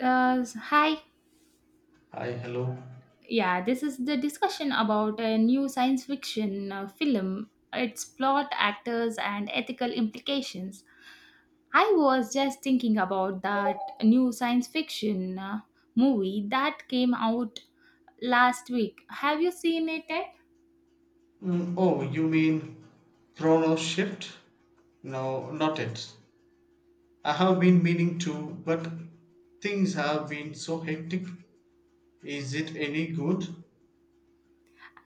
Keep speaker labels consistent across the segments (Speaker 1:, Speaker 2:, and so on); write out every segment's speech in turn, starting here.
Speaker 1: Hi.
Speaker 2: Hi, hello.
Speaker 1: Yeah, this is the discussion about a new science fiction film, its plot, actors, and ethical implications. I was just thinking about that new science fiction movie that came out last week. Have you seen it?
Speaker 2: Mm, oh, you mean chrono shift? No, not it. I have been meaning to, but things have been so hectic. Is it any good?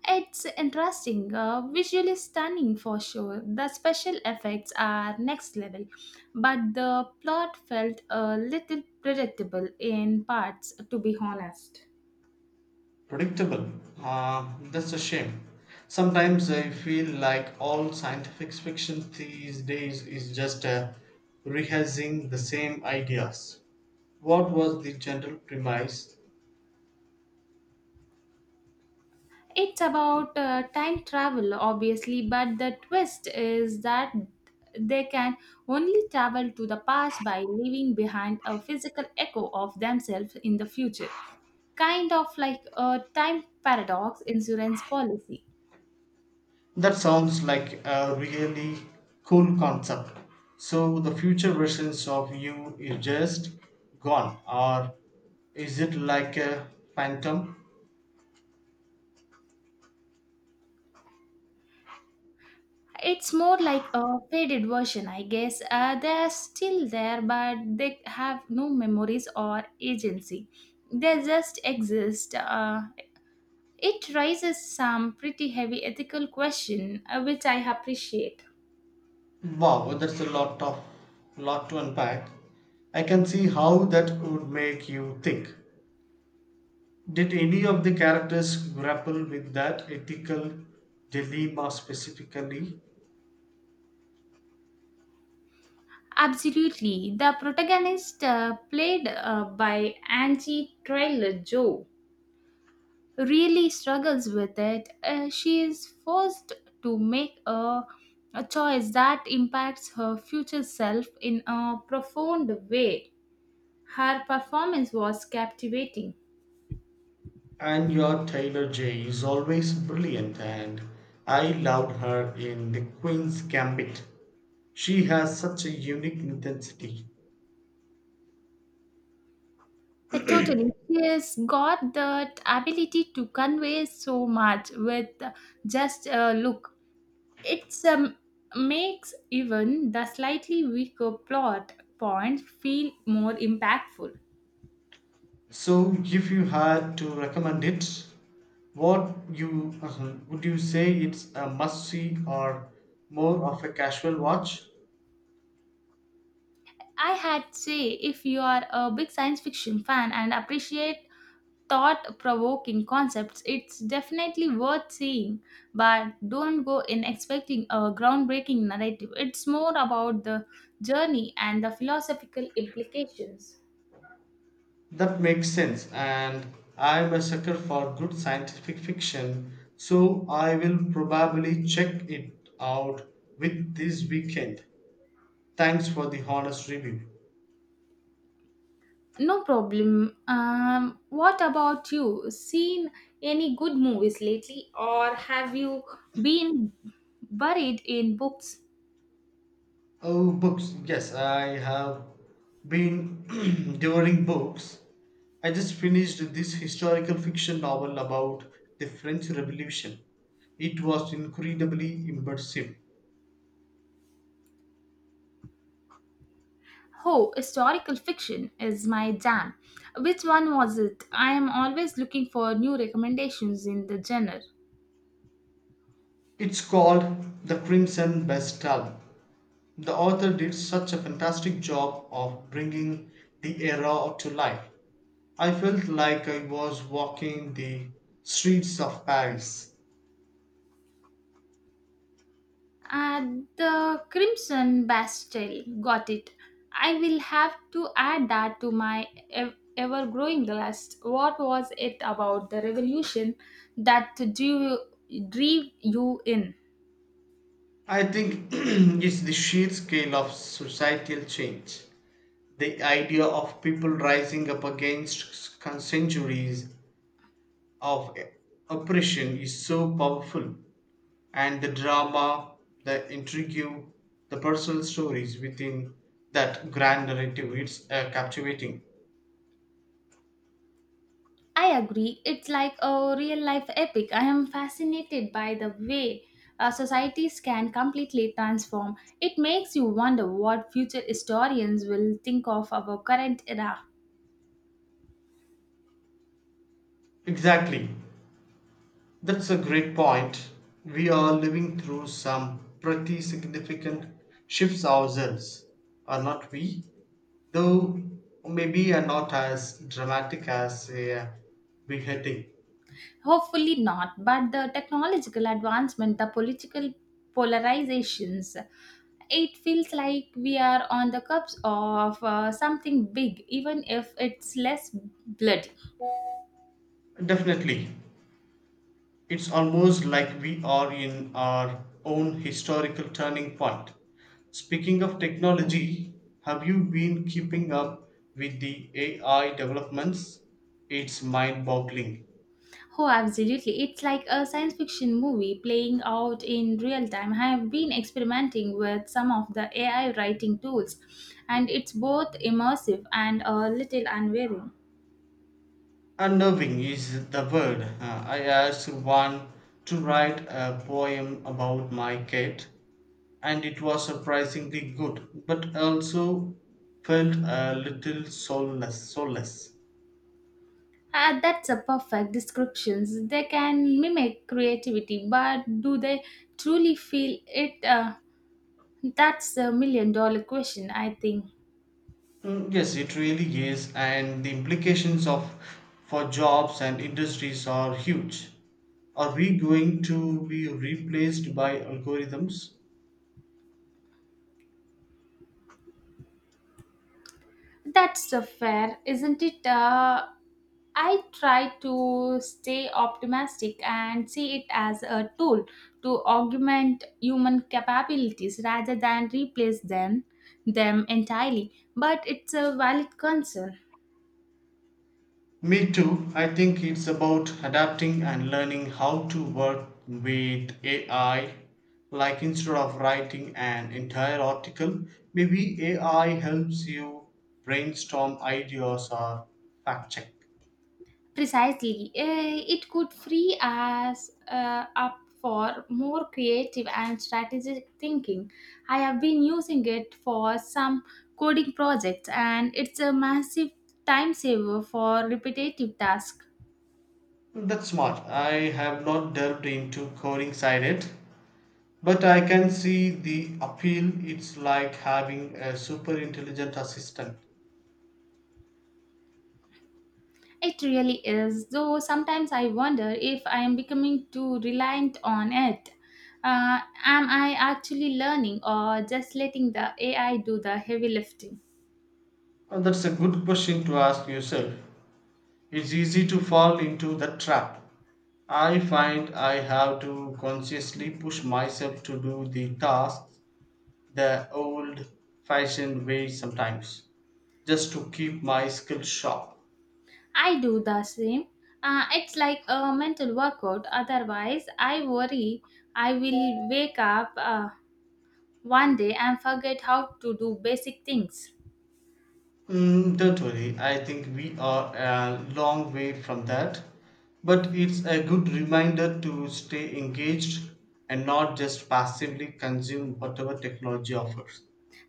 Speaker 1: It's interesting, visually stunning for sure. The special effects are next level, but the plot felt a little predictable in parts, to be honest.
Speaker 2: Predictable. Ah, that's a shame. Sometimes I feel like all scientific fiction these days is just rehearsing the same ideas. What was the general premise?
Speaker 1: It's about time travel, obviously, but the twist is that they can only travel to the past by leaving behind a physical echo of themselves in the future. Kind of like a time paradox insurance policy.
Speaker 2: That sounds like a really cool concept. So the future versions of you is just gone, or is it like a phantom?
Speaker 1: It's more like a faded version, I guess. They're still there, but they have no memories or agency. They just exist. It raises some pretty heavy ethical question, which I appreciate.
Speaker 2: Wow, that's a lot to unpack. I can see how that would make you think. Did any of the characters grapple with that ethical dilemma specifically?
Speaker 1: Absolutely, the protagonist played by Angie Trailer Joe really struggles with it, she is forced to make a choice that impacts her future self in a profound way. Her performance was captivating.
Speaker 2: And your Taylor J is always brilliant, and I loved her in The Queen's Gambit. She has such a unique intensity.
Speaker 1: Totally. She has got that ability to convey so much with just a look. It makes even the slightly weaker plot points feel more impactful.
Speaker 2: So, if you had to recommend it, what you would you say it's a must see or more of a casual watch?
Speaker 1: I had say if you are a big science fiction fan and appreciate thought provoking concepts, it's definitely worth seeing. But don't go in expecting a groundbreaking narrative. It's more about the journey and the philosophical implications.
Speaker 2: That makes sense, and I'm a sucker for good scientific fiction, so I will probably check it out with this weekend. Thanks for the honest review.
Speaker 1: No problem. What about you? Seen any good movies lately, or have you been buried in books?
Speaker 2: Oh, books. Yes, I have been devouring books. I just finished this historical fiction novel about the French Revolution. It was incredibly immersive.
Speaker 1: Oh, historical fiction is my jam. Which one was it? I am always looking for new recommendations in the genre.
Speaker 2: It's called The Crimson Bastille. The author did such a fantastic job of bringing the era to life. I felt like I was walking the streets of Paris.
Speaker 1: At the Crimson Bastille, got it. I will have to add that to my ever growing list. What was it about the revolution that drew you in?
Speaker 2: I think it's the sheer scale of societal change. The idea of people rising up against centuries of oppression is so powerful, and the drama, the intrigue, the personal stories within that grand narrative it's captivating.
Speaker 1: I agree. It's like a real life epic. I am fascinated by the way societies can completely transform. It makes you wonder what future historians will think of our current era.
Speaker 2: Exactly. That's a great point. We are living through some pretty significant shifts ourselves, are not we? Though maybe are not as dramatic as a beheading.
Speaker 1: Hopefully, not, but the technological advancement, the political polarizations, it feels like we are on the cusp of something big, even if it's less blood.
Speaker 2: Definitely, it's almost like we are in our own historical turning point. Speaking of technology, have you been keeping up with the AI developments? It's mind boggling.
Speaker 1: Oh, absolutely. It's like a science fiction movie playing out in real time. I have been experimenting with some of the AI writing tools, and it's both immersive and a little unwearing.
Speaker 2: Unnerving is the word. I asked one to write a poem about my cat, and it was surprisingly good, but also felt a little soulless.
Speaker 1: Ah, that's a perfect description. They can mimic creativity, but do they truly feel it? That's a million-dollar question, I think.
Speaker 2: Mm, yes, it really is, and the implications of for jobs and industries are huge. Are we going to be replaced by algorithms?
Speaker 1: That's a fair, isn't it? I try to stay optimistic and see it as a tool to augment human capabilities rather than replace them entirely. But it's a valid concern.
Speaker 2: Me too. I think it's about adapting and learning how to work with AI. Like instead of writing an entire article, maybe AI helps you brainstorm ideas or fact check.
Speaker 1: Precisely, it could free us up for more creative and strategic thinking. I have been using it for some coding projects, and it's a massive time saver for repetitive tasks.
Speaker 2: That's smart. I have not delved into coding side yet, but I can see the appeal. It's like having a super intelligent assistant.
Speaker 1: It really is, though sometimes I wonder if I am becoming too reliant on it. Uh, am I actually learning or just letting the AI do the heavy lifting?
Speaker 2: That's a good question to ask yourself. It's easy to fall into the trap. I find I have to consciously push myself to do the tasks the old fashioned way sometimes, just to keep my skills sharp.
Speaker 1: I do the same. It's like a mental workout. Otherwise, I worry I will wake up one day and forget how to do basic things.
Speaker 2: Mm, don't worry, I think we are a long way from that. But it's a good reminder to stay engaged and not just passively consume whatever technology offers.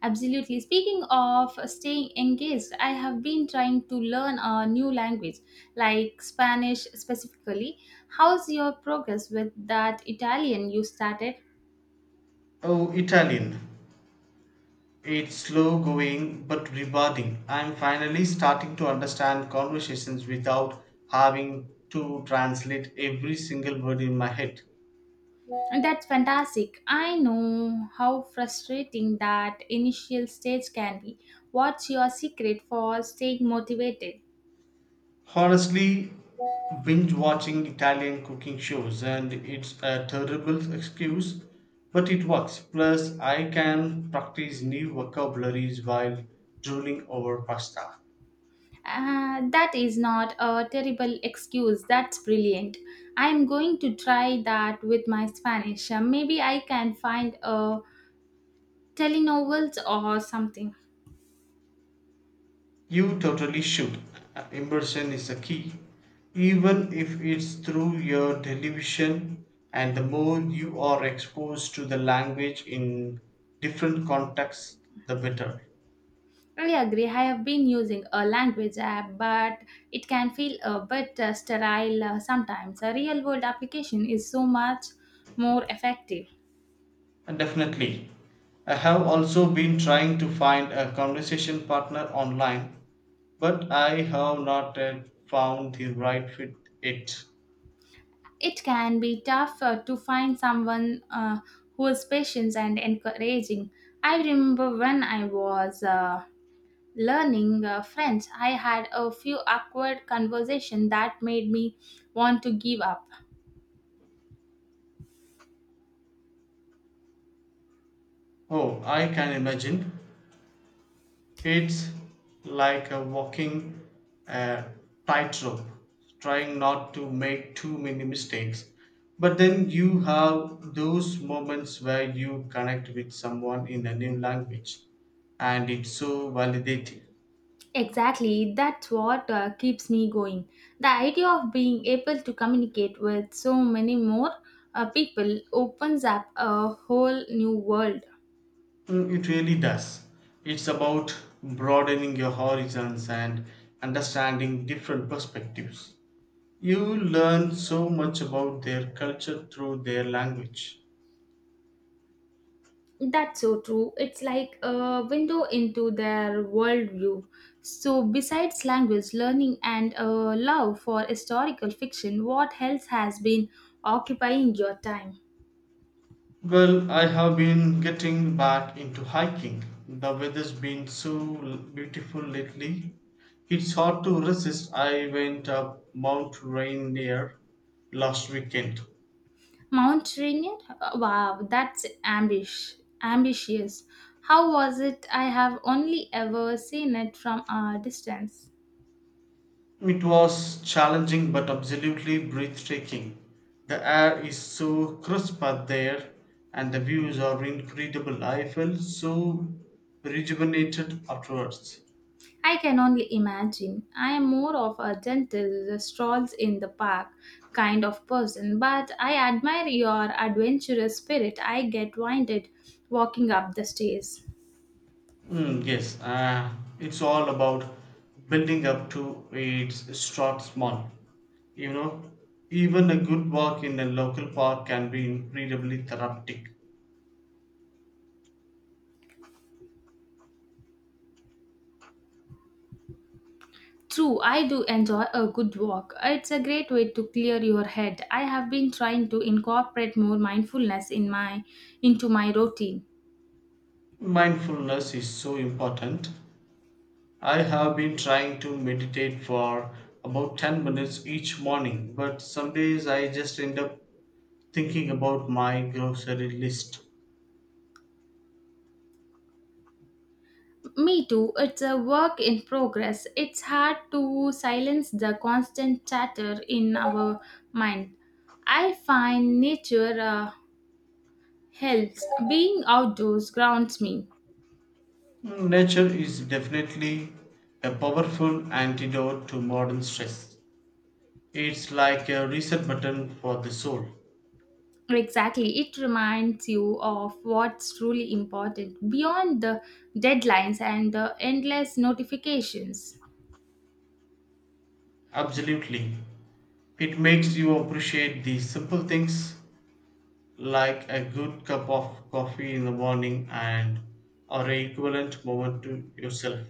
Speaker 1: Absolutely. Speaking of staying engaged, I have been trying to learn a new language, like Spanish specifically. How's your progress with that Italian you started?
Speaker 2: Oh, Italian. It's slow going but rewarding. I'm finally starting to understand conversations without having to translate every single word in my head.
Speaker 1: That's fantastic. I know how frustrating that initial stage can be. What's your secret for staying motivated?
Speaker 2: Honestly, binge watching Italian cooking shows and it's a terrible excuse, but it works. Plus, I can practice new vocabularies while drooling over pasta.
Speaker 1: That is not a terrible excuse. That's brilliant. I'm going to try that with my Spanish. Maybe I can find a Telenovels or something.
Speaker 2: You totally should. Immersion is a key, even if it's through your television, and the more you are exposed to the language in different contexts, the better.
Speaker 1: I agree. I have been using a language app, but it can feel a bit sterile sometimes. A real world application is so much more effective.
Speaker 2: And definitely. I have also been trying to find a conversation partner online, but I have not yet found the right fit yet.
Speaker 1: It can be tough to find someone who is patient and encouraging. I remember when I was learning French, I had a few awkward conversations that made me want to give up.
Speaker 2: Oh, I can imagine. It's like a walking uh, tightrope, trying not to make too many mistakes. But then you have those moments where you connect with someone in a new language, and it's so validating.
Speaker 1: Exactly, that's what keeps me going. The idea of being able to communicate with so many more people opens up a whole new world.
Speaker 2: Mm, it really does. It's about broadening your horizons and understanding different perspectives. You learn so much about their culture through their language.
Speaker 1: That's so true. It's like a window into their worldview. So, besides language learning and a love for historical fiction, what else has been occupying your time?
Speaker 2: Well, I have been getting back into hiking. The weather's been so beautiful lately. It's hard to resist. I went up Mount Rainier last weekend.
Speaker 1: Mount Rainier? Wow, that's ambitious. How was it? I have only ever seen it from a distance.
Speaker 2: It was challenging but absolutely breathtaking. The air is so crisp out there and the views are incredible. I felt so rejuvenated afterwards.
Speaker 1: I can only imagine. I am more of a gentle strolls in the park kind of person, but I admire your adventurous spirit. I get winded walking up the stairs.
Speaker 2: Mm, yes, uh, it's all about building up to it. Start small. You know, even a good walk in a local park can be incredibly therapeutic.
Speaker 1: True, I do enjoy a good walk. It's a great way to clear your head. I have been trying to incorporate more mindfulness in my into my routine.
Speaker 2: Mindfulness is so important. I have been trying to meditate for about 10 minutes each morning, but some days I just end up thinking about my grocery list.
Speaker 1: Me too. It's a work in progress. It's hard to silence the constant chatter in our mind. I find nature helps. Being outdoors grounds me.
Speaker 2: Hmm, nature is definitely a powerful antidote to modern stress. It's like a reset button for the soul.
Speaker 1: Exactly. It reminds you of what's truly important beyond the deadlines and the endless notifications.
Speaker 2: Absolutely. It makes you appreciate the simple things like a good cup of coffee in the morning and or a equivalent moment to yourself.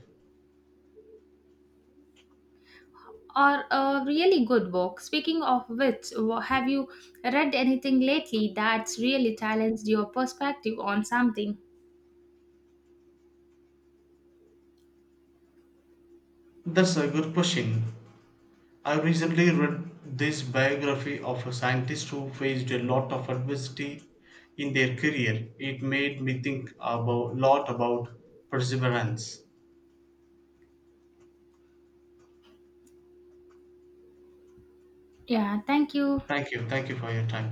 Speaker 1: Or a really good book. Speaking of which, have you read anything lately that's really challenged your perspective on something?
Speaker 2: That's a good question. I recently read this biography of a scientist who faced a lot of adversity in their career. It made me think about lot about perseverance.
Speaker 1: Yeah, thank you.
Speaker 2: Thank you. Thank you for your time.